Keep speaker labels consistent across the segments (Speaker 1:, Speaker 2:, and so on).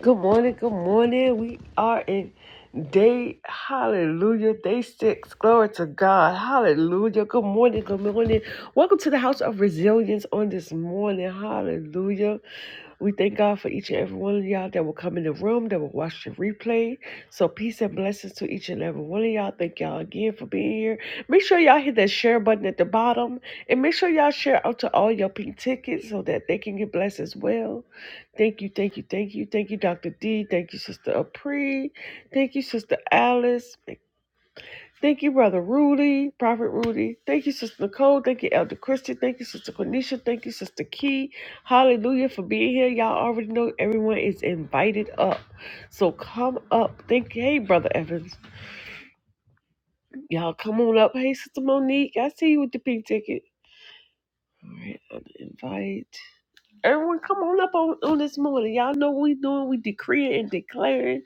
Speaker 1: Good morning, good morning. We are in day, hallelujah, day six. Glory to God, hallelujah. Good morning, good morning. Welcome to the house of resilience on this morning, hallelujah. We thank God for each and every one of y'all that will come in the room, that will watch the replay. So, peace and blessings to each and every one of y'all. Thank y'all again for being here. Make sure y'all hit that share button at the bottom and make sure y'all share out to all your pink tickets so that they can get blessed as well. Thank you, thank you, thank you, thank you, Dr. D. Thank you, Sister Apri. Thank you, Sister Alice. Thank you, Brother Rudy, Prophet Rudy. Thank you, Sister Nicole. Thank you, Elder Christian. Thank you, Sister Quenisha. Thank you, Sister Key. Hallelujah for being here. Y'all already know everyone is invited up. So come up. Thank you. Hey, Brother Evans. Y'all come on up. Hey, Sister Monique. I see you with the pink ticket. All right, I'm invite. Everyone, come on up on, on this morning. Y'all know what we doing. We decreeing and declaring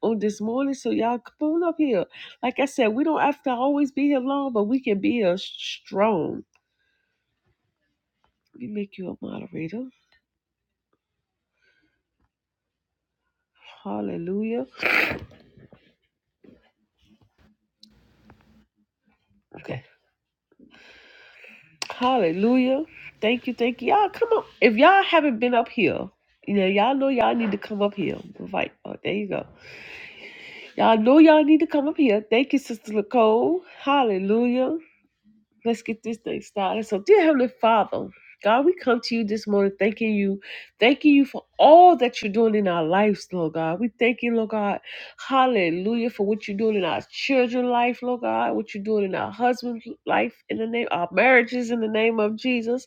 Speaker 1: on this morning. So y'all come on up here. Like I said, we don't have to always be here long, but we can be here strong. Let me make you a moderator. Hallelujah. Okay. Hallelujah. Thank you. Thank you. Y'all come up. If y'all haven't been up here, you know, y'all know y'all need to come up here. Invite. Oh, there you go. Y'all know y'all need to come up here. Thank you, Sister Nicole. Hallelujah. Let's get this thing started. So, dear Heavenly Father, God, we come to you this morning thanking you, thanking you for all that you're doing in our lives, Lord God. We thank you, Lord God. Hallelujah for what you're doing in our children's life, Lord God, what you're doing in our husband's life in the name, our marriages in the name of Jesus.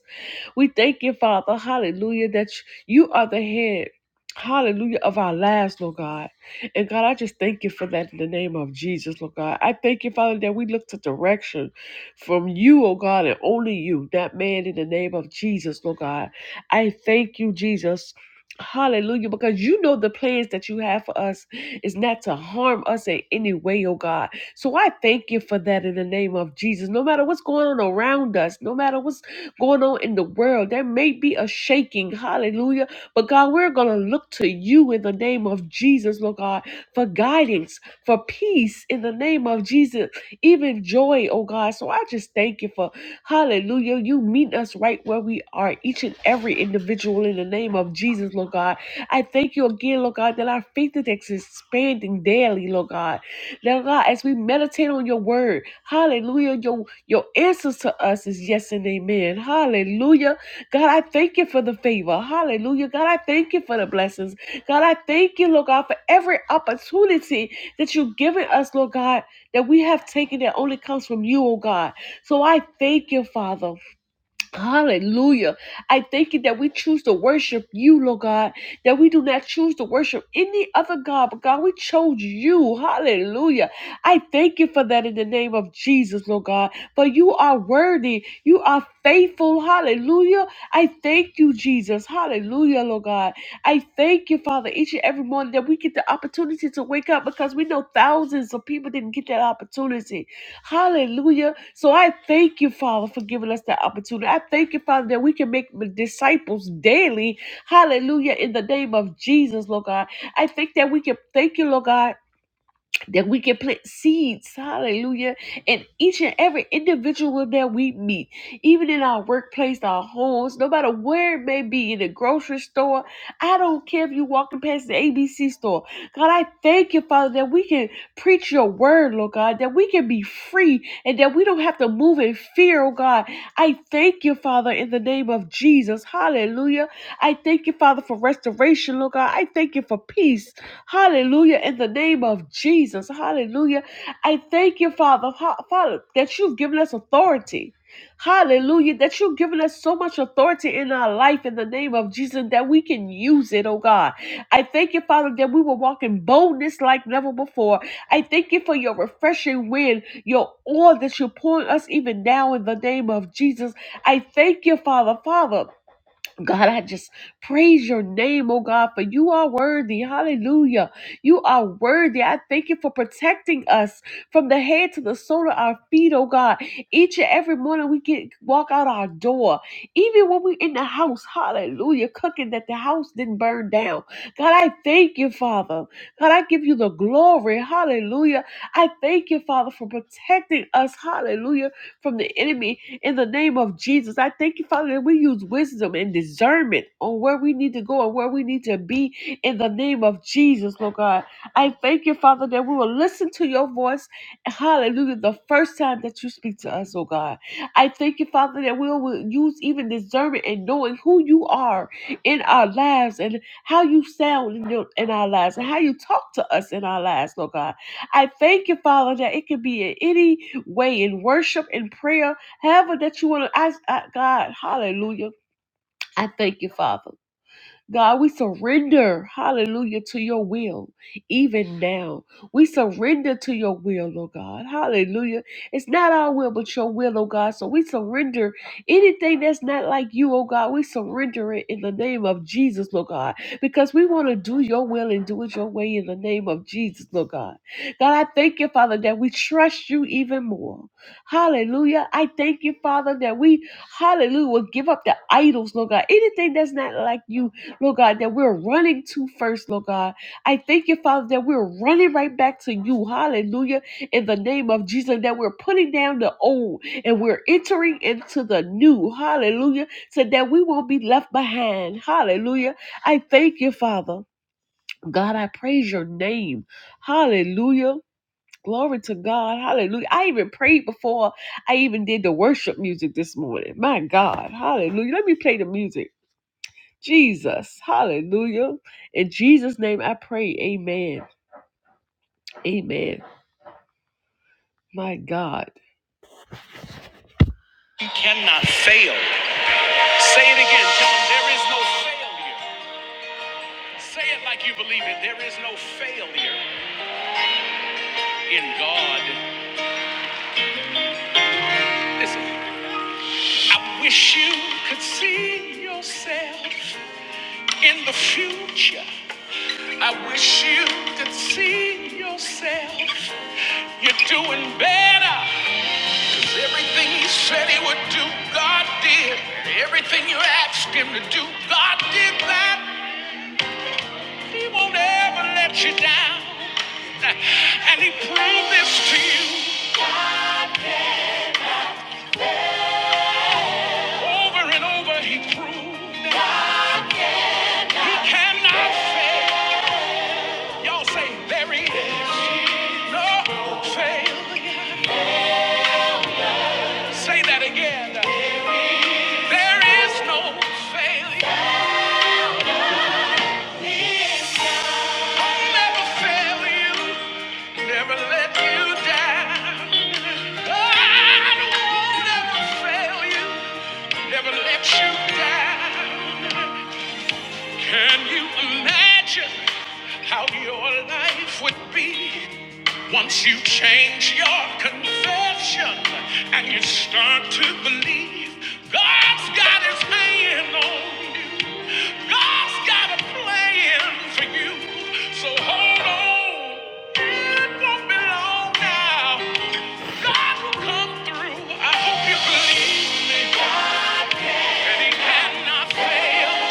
Speaker 1: We thank you, Father, hallelujah, that you are the head, hallelujah, of our lives, Lord God. And God, I just thank you for that in the name of Jesus, Lord God. I thank you, Father, that we look to direction from you, oh God, and only you, that man in the name of Jesus, Lord God. I thank you, Jesus. Hallelujah, because you know the plans that you have for us is not to harm us in any way, oh God. So I thank you for that in the name of Jesus. No matter what's going on around us, no matter what's going on in the world. There may be a shaking, hallelujah. But God, we're going to look to you in the name of Jesus, Lord God, for guidance, for peace in the name of Jesus, even joy, oh God. So I just thank you for, hallelujah, you meet us right where we are, each and every individual in the name of Jesus, Lord God. I thank you again, Lord God, that our faith is expanding daily, Lord God. Now, God, as we meditate on your word, hallelujah, your, your answers to us is yes and amen. Hallelujah. God, I thank you for the favor. Hallelujah. God, I thank you for the blessings. God, I thank you, Lord God, for every opportunity that you've given us, Lord God, that we have taken that only comes from you, oh God. So I thank you, Father. Hallelujah. I thank you that we choose to worship you, Lord God, that we do not choose to worship any other God, but God, we chose you. Hallelujah. I thank you for that in the name of Jesus, Lord God, for you are worthy. You are faithful. Hallelujah. I thank you, Jesus. Hallelujah, Lord God. I thank you, Father, each and every morning that we get the opportunity to wake up because we know thousands of people didn't get that opportunity. Hallelujah. So I thank you, Father, for giving us that opportunity. I thank you, Father, that we can make disciples daily. Hallelujah. In the name of Jesus, Lord God. I think that we can thank you, Lord God that we can plant seeds, hallelujah, in each and every individual that we meet, even in our workplace, our homes, no matter where it may be, in the grocery store. I don't care if you're walking past the ABC store. God, I thank you, Father, that we can preach your word, Lord God, that we can be free and that we don't have to move in fear, oh God. I thank you, Father, in the name of Jesus, hallelujah. I thank you, Father, for restoration, Lord God. I thank you for peace. Hallelujah. In the name of Jesus. Hallelujah. I thank you, Father, Ha- Father, that you've given us authority. Hallelujah. That you've given us so much authority in our life in the name of Jesus that we can use it, oh God. I thank you, Father, that we will walk in boldness like never before. I thank you for your refreshing wind, your oil that you're pouring us even now in the name of Jesus. I thank you, Father, Father. God, I just praise your name, oh God, for you are worthy. Hallelujah. You are worthy. I thank you for protecting us from the head to the sole of our feet, oh God. Each and every morning we get walk out our door. Even when we're in the house, hallelujah, cooking that the house didn't burn down. God, I thank you, Father. God, I give you the glory. Hallelujah. I thank you, Father, for protecting us, hallelujah, from the enemy. In the name of Jesus, I thank you, Father, that we use wisdom and discernment on where we need to go and where we need to be. In the name of Jesus, Lord God, I thank you, Father, that we will listen to your voice. Hallelujah. The first time that you speak to us, oh God. I thank you, Father, that we will use even discernment and knowing who you are in our lives and how you sound in, your, in our lives and how you talk to us in our lives, Lord God. I thank you, Father, that it can be in any way in worship and prayer However, that you want to ask uh, God, hallelujah. I thank you, Father. God, we surrender, hallelujah, to your will, even now. We surrender to your will, oh God, hallelujah. It's not our will, but your will, oh God. So we surrender anything that's not like you, oh God. We surrender it in the name of Jesus, Lord God, because we want to do your will and do it your way in the name of Jesus, Lord God. God, I thank you, Father, that we trust you even more. Hallelujah. I thank you, Father, that we, hallelujah, will give up the idols, Lord God. Anything that's not like you, Lord God, that we're running to first, Lord God. I thank you, Father, that we're running right back to you. Hallelujah. In the name of Jesus, that we're putting down the old and we're entering into the new. Hallelujah. So that we won't be left behind. Hallelujah. I thank you, Father. God, I praise your name. Hallelujah. Glory to God. Hallelujah. I even prayed before I even did the worship music this morning. My God. Hallelujah. Let me play the music. Jesus. Hallelujah. In Jesus' name I pray. Amen. Amen. My God. You cannot fail. Say it again, John. There is no failure. Say it like you believe it. There is no failure in God. Listen, I wish you could see yourself in the future. I wish you could see yourself. You're doing better. Everything he said he would do, God did. Everything you asked him to do, God did that. He won't ever let you down. And he proved this to you over and over. He proved he cannot fail. Y'all say, there he is. No fail. Say that again. There is no failure. I'll never fail you, never let you down. I won't ever fail you, never let you down. Can you imagine how your life would be once you change your confession and you start to believe God's got his hand on you? God's got a plan for you. So hold on. It won't be long now. God will come through. I hope you believe me. God can. And he cannot fail.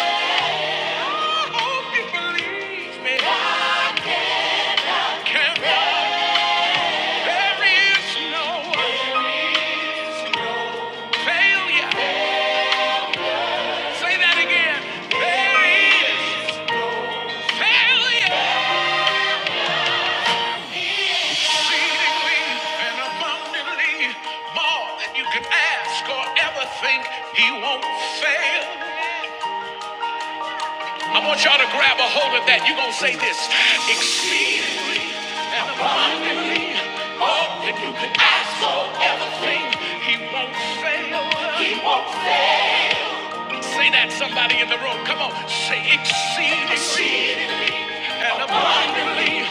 Speaker 1: More than you could ask or ever think, he won't fail. I want y'all to grab a hold of that. You're going to say this exceedingly and abundantly more than you could ask or ever think. He won't fail. He won't say that, somebody in the room. Come on, say exceedingly, exceedingly and abundantly.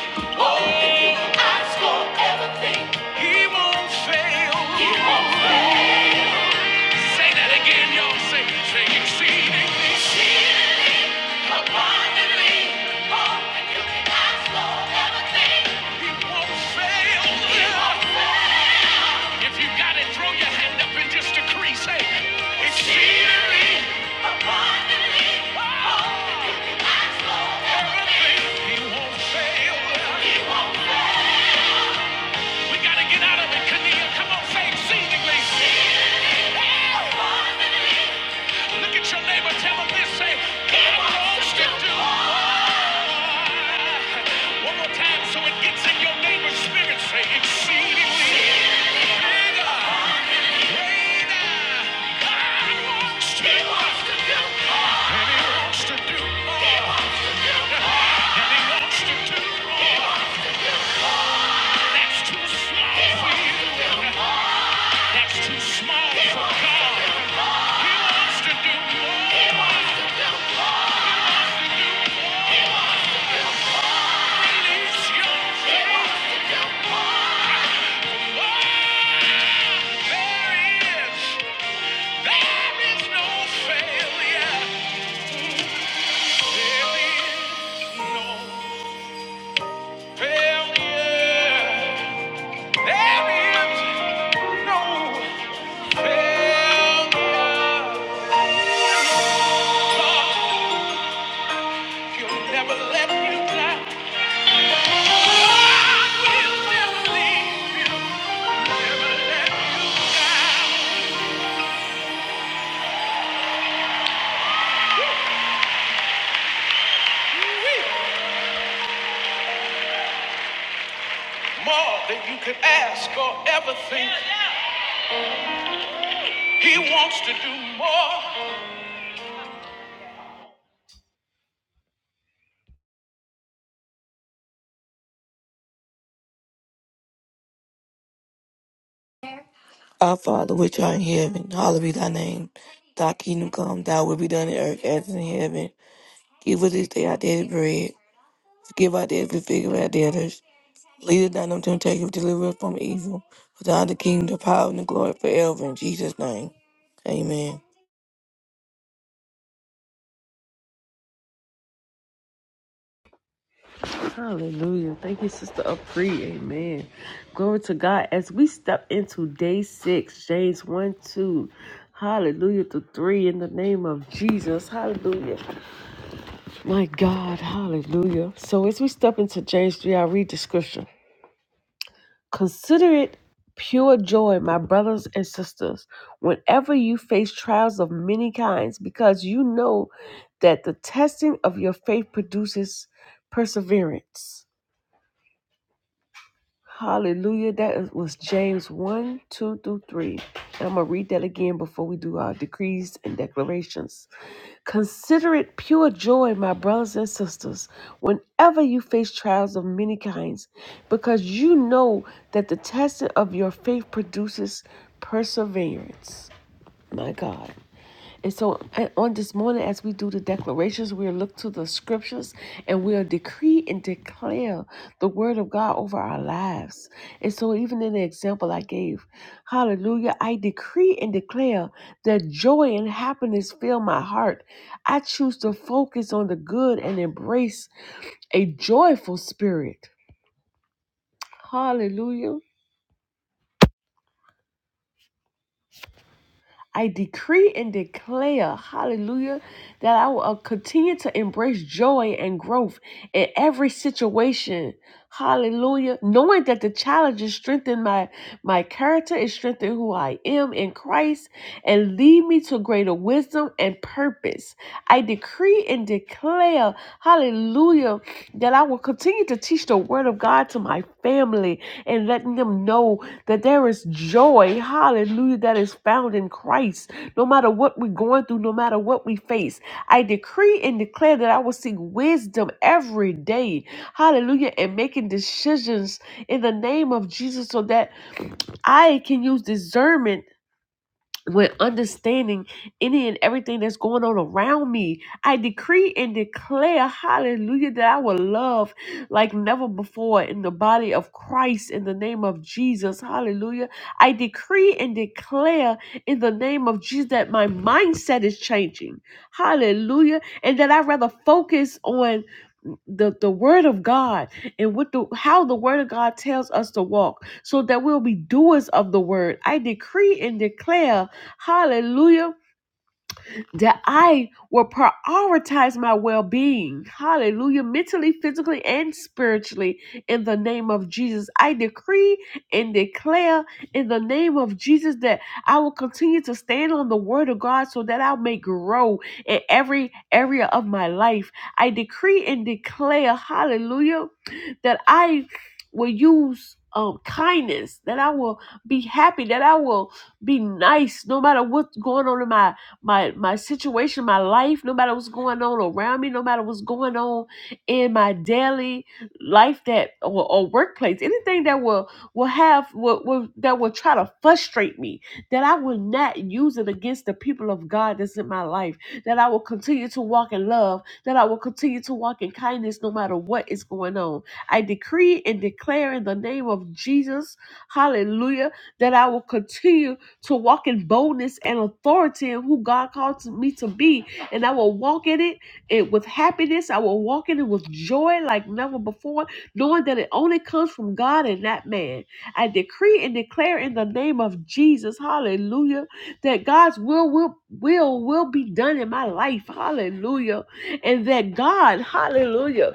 Speaker 1: He won't fail. He won't- Say that again, y'all. Say, say exceedingly. He won't fail. He won't fail. If you got it, throw your hand up and just decree. Say, exceedingly. He won't fail. We gotta get out of it, Kania. Come on, exceedingly. Look at your neighbor, tell him this, say, God wants to do. One more time so it gets in your neighbor's spirit, say exceedingly. Bigger, greater. God wants to He wants to do. And he wants to do. He wants to do. And That's too slow for you. That's too small for God. He wants to do more. He wants to do more. Release your faith. Oh, there is. There is no failure. There is no failure. There is no failure. God, He'll never let you down. More than you could ask or ever think. He wants to do more.
Speaker 2: Our Father, which art in heaven, hallowed be thy name. Thy kingdom come, thy will be done in earth as in heaven. Give us this day our daily bread. Forgive our debts, we forgive our debtors. Lead us not into temptation, but deliver us from evil. For thine is the kingdom, the power, and the glory forever. In Jesus' name, amen.
Speaker 1: Hallelujah. Thank you, Sister Apri. Amen. Glory to God. As we step into day six, James 1 2. Hallelujah to three in the name of Jesus. Hallelujah. My God. Hallelujah. So as we step into James 3, I read the scripture. Consider it pure joy, my brothers and sisters, whenever you face trials of many kinds, because you know that the testing of your faith produces perseverance. Hallelujah. That is- was James 1, 2 through 3. And I'm going to read that again before we do our decrees and declarations. Consider it pure joy, my brothers and sisters, whenever you face trials of many kinds, because you know that the testing of your faith produces perseverance. My God. And so on this morning, as we do the declarations, we'll look to the scriptures and we'll decree and declare the word of God over our lives. And so, even in the example I gave, hallelujah, I decree and declare that joy and happiness fill my heart. I choose to focus on the good and embrace a joyful spirit. Hallelujah. I decree and declare, hallelujah, that I will uh, continue to embrace joy and growth in every situation. Hallelujah. Knowing that the challenges strengthen my, my character, it strengthen who I am in Christ, and lead me to greater wisdom and purpose. I decree and declare, Hallelujah. Hallelujah. That I will continue to teach the word of God to my family and letting them know that there is joy. Hallelujah. That is found in Christ. No matter what we're going through, no matter what we face, I decree and declare that I will seek wisdom every day. Hallelujah. And making decisions in the name of Jesus so that I can use discernment with understanding any and everything that's going on around me. I decree and declare, hallelujah, that I will love like never before in the body of Christ in the name of Jesus, hallelujah. I decree and declare in the name of Jesus that my mindset is changing, hallelujah, and that I rather focus on the the word of God and what the how the word of God tells us to walk so that we'll be doers of the word. I decree and declare Hallelujah that I will prioritize my well being. Hallelujah. Mentally, physically, and spiritually in the name of Jesus. I decree and declare in the name of Jesus that I will continue to stand on the word of God so that I may grow in every area of my life. I decree and declare, hallelujah, that I will use um, kindness, that I will be happy, that I will be nice no matter what's going on in my my my situation, my life, no matter what's going on around me, no matter what's going on in my daily life that or, or workplace, anything that will will have will, will that will try to frustrate me, that I will not use it against the people of God that's in my life, that I will continue to walk in love, that I will continue to walk in kindness no matter what is going on. I decree and declare in the name of Jesus, hallelujah, that I will continue to walk in boldness and authority in who God called to me to be. And I will walk in it, it with happiness. I will walk in it with joy like never before, knowing that it only comes from God and not man. I decree and declare in the name of Jesus, hallelujah, that God's will will will will be done in my life. Hallelujah. And that God, hallelujah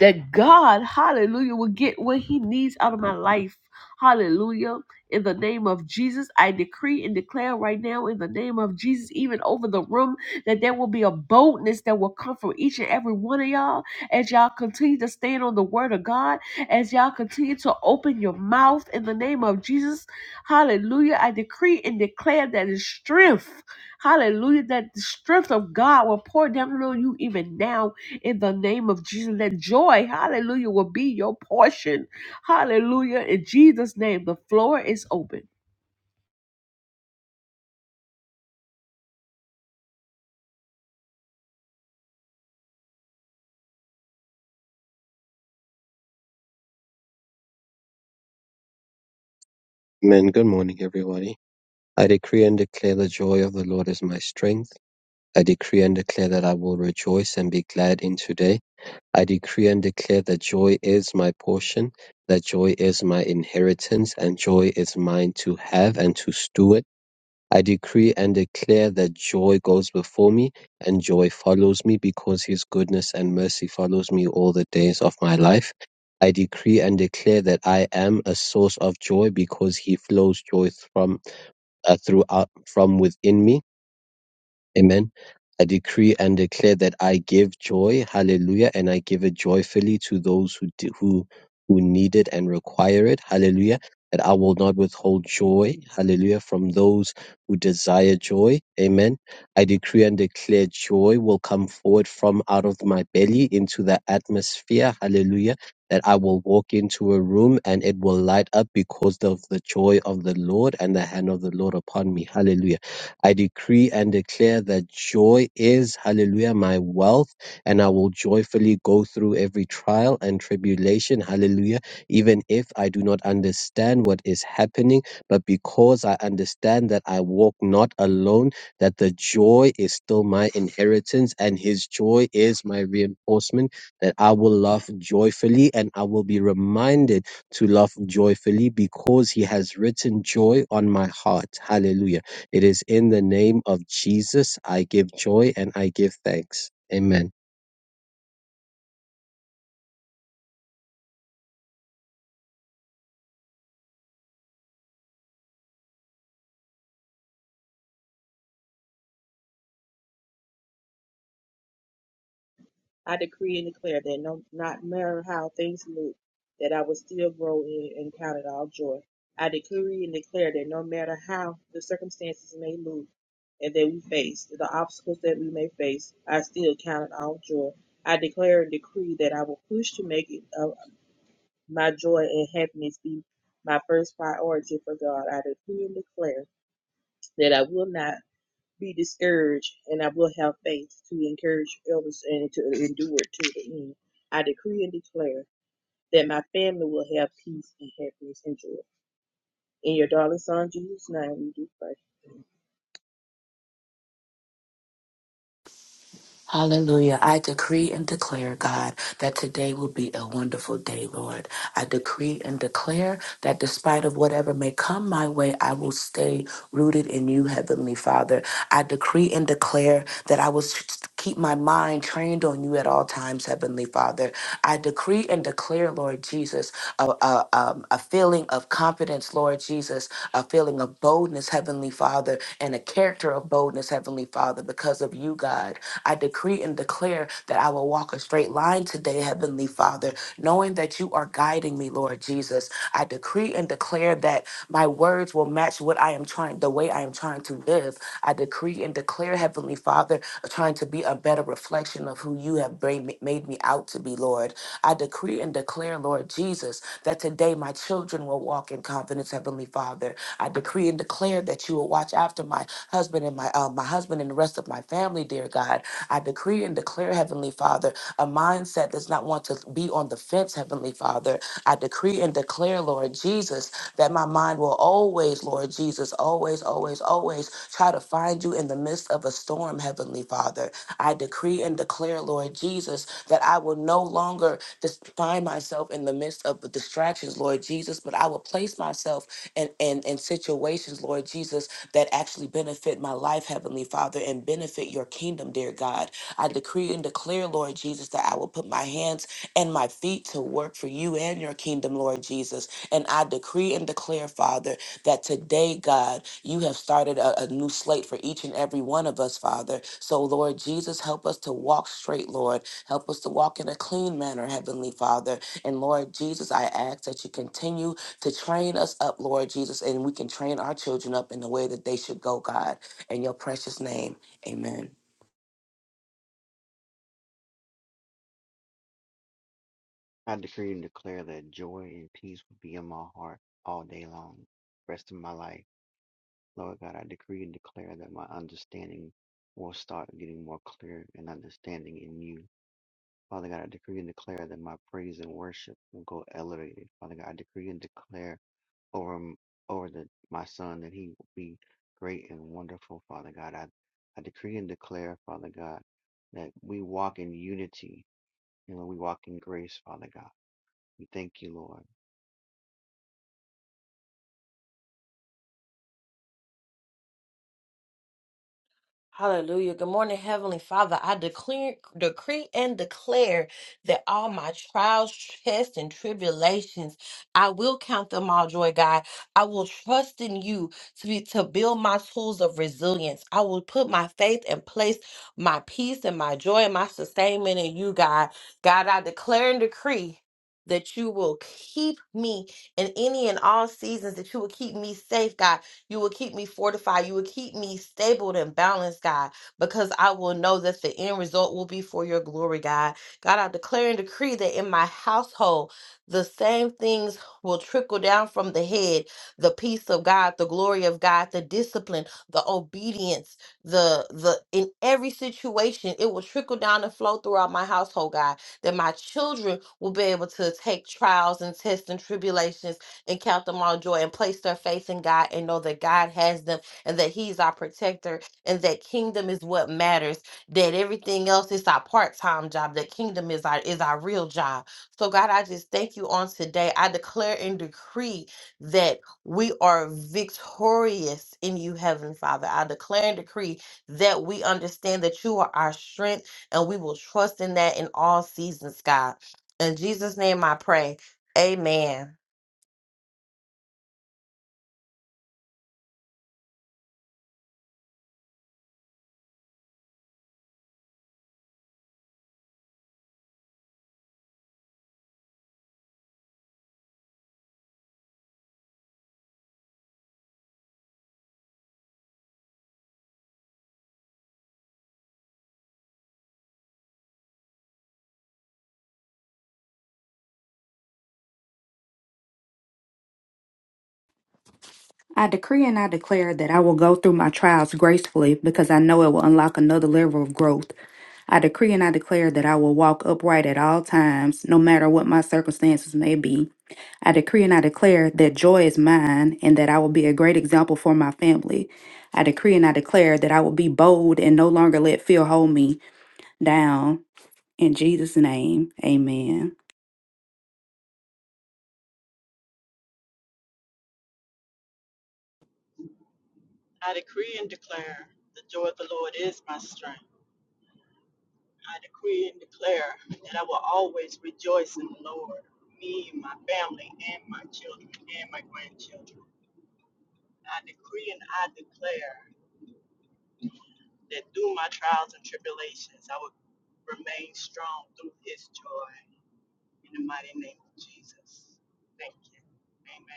Speaker 1: that God, hallelujah, will get what he needs out of my life. Hallelujah. In the name of Jesus, I decree and declare right now, in the name of Jesus, even over the room, that there will be a boldness that will come from each and every one of y'all as y'all continue to stand on the word of God, as y'all continue to open your mouth in the name of Jesus. Hallelujah. I decree and declare that the strength, hallelujah, that the strength of God will pour down on you even now in the name of Jesus. let joy, hallelujah, will be your portion. Hallelujah. In Jesus' name, the floor is open.
Speaker 3: Amen. Good morning, everybody. I decree and declare the joy of the Lord is my strength. I decree and declare that I will rejoice and be glad in today. I decree and declare that joy is my portion, that joy is my inheritance, and joy is mine to have and to steward. I decree and declare that joy goes before me and joy follows me because his goodness and mercy follows me all the days of my life. I decree and declare that I am a source of joy because he flows joy from uh, throughout from within me Amen. I decree and declare that I give joy, hallelujah, and I give it joyfully to those who do, who who need it and require it, hallelujah. That I will not withhold joy, hallelujah, from those who desire joy, amen. I decree and declare joy will come forward from out of my belly into the atmosphere, hallelujah. That I will walk into a room and it will light up because of the joy of the Lord and the hand of the Lord upon me, hallelujah. I decree and declare that joy is, hallelujah, my wealth, and I will joyfully go through every trial and tribulation, hallelujah, even if I do not understand what is happening, but because I understand that I walk not alone, that the joy is still my inheritance, and his joy is my reinforcement, that I will laugh joyfully and I will be reminded to laugh joyfully because he has written joy on my heart. Hallelujah. It is in the name of Jesus I give joy and I give thanks. Amen.
Speaker 4: I decree and declare that no not matter how things look, that I will still grow in and count it all joy. I decree and declare that no matter how the circumstances may look and that we face, the obstacles that we may face, I still count it all joy. I declare and decree that I will push to make it uh, my joy and happiness be my first priority for God. I decree and declare that I will not be discouraged, and I will have faith to encourage others and to endure to the end. I decree and declare that my family will have peace and happiness and joy. In your darling son Jesus' name, we do pray.
Speaker 5: Hallelujah. I decree and declare, God, that today will be a wonderful day, Lord. I decree and declare that despite of whatever may come my way, I will stay rooted in you, Heavenly Father. I decree and declare that I will s- keep my mind trained on you at all times, Heavenly Father. I decree and declare, Lord Jesus, a, a, um, a feeling of confidence, Lord Jesus, a feeling of boldness, Heavenly Father, and a character of boldness, Heavenly Father, because of you, God. I decree and declare that I will walk a straight line today, Heavenly Father, knowing that you are guiding me, Lord Jesus. I decree and declare that my words will match what I am trying, the way I am trying to live. I decree and declare, Heavenly Father, trying to be a better reflection of who you have bring me- made me out to be, Lord. I decree and declare, Lord Jesus, that today my children will walk in confidence, Heavenly Father. I decree and declare that you will watch after my my husband and my uh, my husband and the rest of my family, dear God. I decree and declare, Heavenly Father, a mindset does not want to be on the fence, Heavenly Father. I decree and declare, Lord Jesus, that my mind will always, Lord Jesus, always, always, always try to find you in the midst of a storm, Heavenly Father. I decree and declare, Lord Jesus, that I will no longer just find myself in the midst of the distractions, Lord Jesus, but I will place myself and, and, and situations, Lord Jesus, that actually benefit my life, Heavenly Father, and benefit your kingdom, dear God. I decree and declare, Lord Jesus, that I will put my hands and my feet to work for you and your kingdom, Lord Jesus. And I decree and declare, Father, that today, God, you have started a, a new slate for each and every one of us, Father. So, Lord Jesus, help us to walk straight, Lord. Help us to walk in a clean manner, Heavenly Father. And Lord Jesus, I ask that you continue to train us up, Lord Jesus, and we can train our children up in the way that they should go, God. In your precious name, amen.
Speaker 6: I decree and declare that joy and peace will be in my heart all day long, rest of my life. Lord God, I decree and declare that my understanding will start getting more clear and understanding in you. Father God, I decree and declare that my praise and worship will go elevated. Father God, I decree and declare over m- over the, my son that he will be great and wonderful. Father God, I, I decree and declare, Father God, that we walk in unity and we walk in grace, Father God. We thank you, Lord.
Speaker 7: Hallelujah. Good morning, Heavenly Father. I declare, decree and declare that all my trials, tests, and tribulations, I will count them all joy, God. I will trust in you to, be, to build my tools of resilience. I will put my faith and place my peace and my joy and my sustainment in you, God. God, I declare and decree that you will keep me in any and all seasons, that you will keep me safe, God you will keep me fortified. You will keep me stable and balanced, God, because I will know that the end result will be for your glory, God. God, I declare and decree that in my household, the same things will trickle down from the head the peace of God, the glory of God, the discipline, the obedience, the the in every situation it will trickle down and flow throughout my household god that my children will be able to take trials and tests and tribulations and count them all joy and place their faith in God and know that God has them and that He's our protector and that kingdom is what matters. That everything else is our part-time job. That kingdom is our is our real job. So God, I just thank you on today. I declare and decree that we are victorious in you, Heavenly Father. I declare and decree that we understand that you are our strength and we will trust in that in all seasons, God. In Jesus' name I pray. Amen.
Speaker 8: I decree and I declare that I will go through my trials gracefully because I know it will unlock another level of growth. I decree and I declare that I will walk upright at all times, no matter what my circumstances may be. I decree and I declare that joy is mine and that I will be a great example for my family. I decree and I declare that I will be bold and no longer let fear hold me down. In Jesus' name, amen.
Speaker 9: I decree and declare the joy of the Lord is my strength. I decree and declare that I will always rejoice in the Lord, me, my family, and my children, and my grandchildren. I decree and I declare that through my trials and tribulations, I will remain strong through his joy. In the mighty name of Jesus. Thank you. Amen.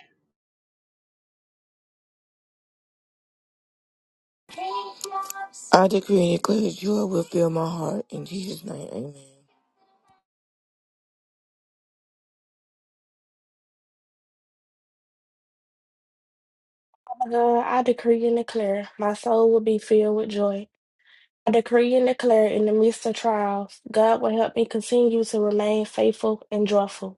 Speaker 2: I decree and declare that joy will fill my heart. In Jesus' name, amen.
Speaker 10: Uh, I decree and declare my soul will be filled with joy. I decree and declare in the midst of trials, God will help me continue to remain faithful and joyful.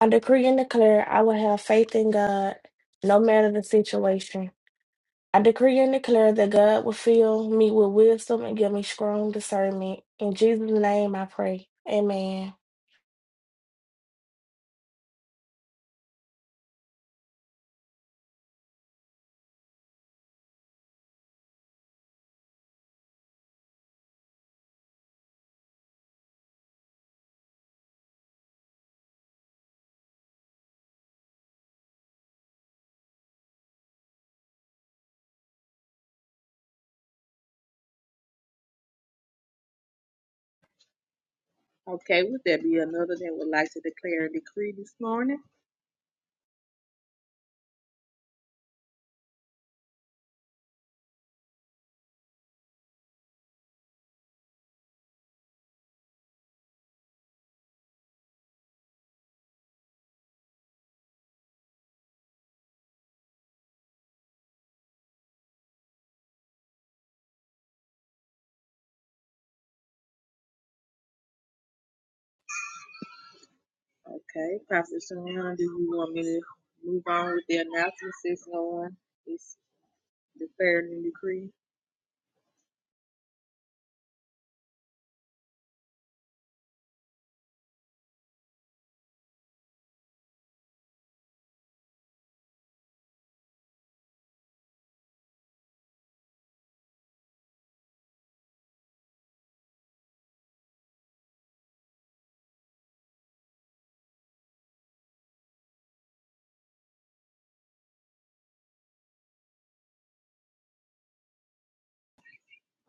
Speaker 10: I decree and declare I will have faith in God no matter the situation. I decree and declare that God will fill me with wisdom and give me strong discernment. In Jesus' name I pray. Amen.
Speaker 4: Okay, would there be another that would like to declare and decree this morning? Okay, Prophet Sharon, do you want me to move on with the announcements since no one is declaring a decree?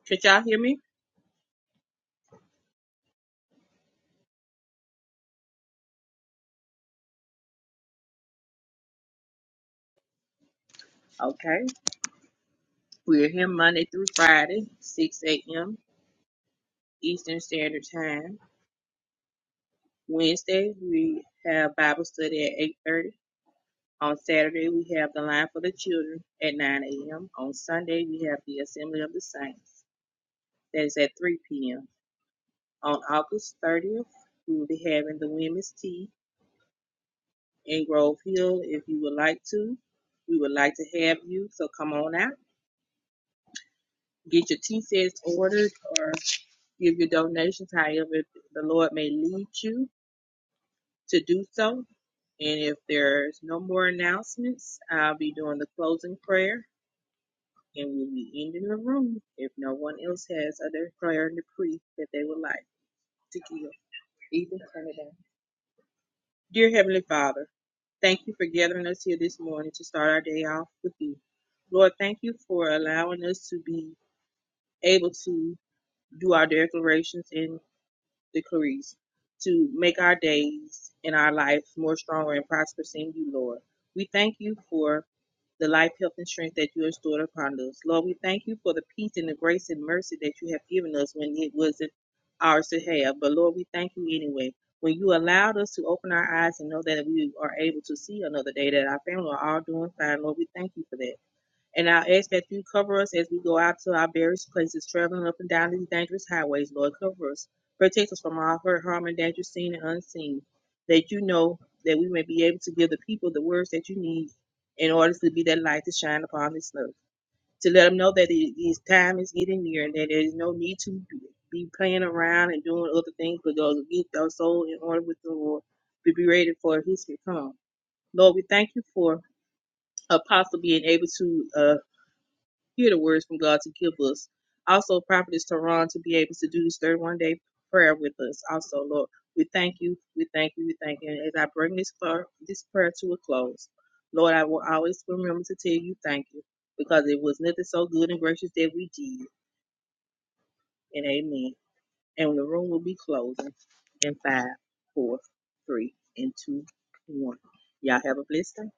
Speaker 4: Could y'all hear me? Okay, we're here Monday through Friday, 6 a.m. Eastern Standard Time. Wednesday we have Bible study at eight thirty. On Saturday we have the line for the children at nine a.m. On Sunday we have the Assembly of the Saints. That is at three p.m. On August thirtieth we will be having the women's tea in Grove Hill. If you would like to, we would like to have you. So come on out, get your tea sets ordered, or give your donations however the Lord may lead you to do so. And if there's no more announcements, I'll be doing the closing prayer and we'll be ending the room if no one else has other prayer and decree that they would like to give. Ethan, turn it down. Dear Heavenly Father, thank you for gathering us here this morning to start our day off with you. Lord, thank you for allowing us to be able to do our declarations and decrees, to make our days and our life more stronger and prosperous in you, Lord. We thank you for the life, health, and strength that you restored upon us. Lord, we thank you for the peace and the grace and mercy that you have given us when it wasn't ours to have. But Lord, we thank you anyway. When you allowed us to open our eyes and know that we are able to see another day, that our family are all doing fine, Lord, we thank you for that. And I ask that you cover us as we go out to our various places, traveling up and down these dangerous highways, Lord. Cover us. Protect us from all hurt, harm, and danger, seen and unseen. That you know that we may be able to give the people the words that you need in order to be that light to shine upon this earth. To let them know that it is time is getting near and that there is no need to be playing around and doing other things, but go get our soul in order with the Lord to be ready for his return. Lord, we thank you for apostle being able to uh, Hear the words from God to give us. Also, Prophetess Tehran to be able to do this 31 day prayer with us. Also, Lord, we thank you, we thank you, we thank you. And as I bring this prayer, this prayer to a close, Lord, I will always remember to tell you thank you because it was nothing so good and gracious that we did. And amen. And the room will be closing in five, four, three, and two, one. Y'all have a blessed day.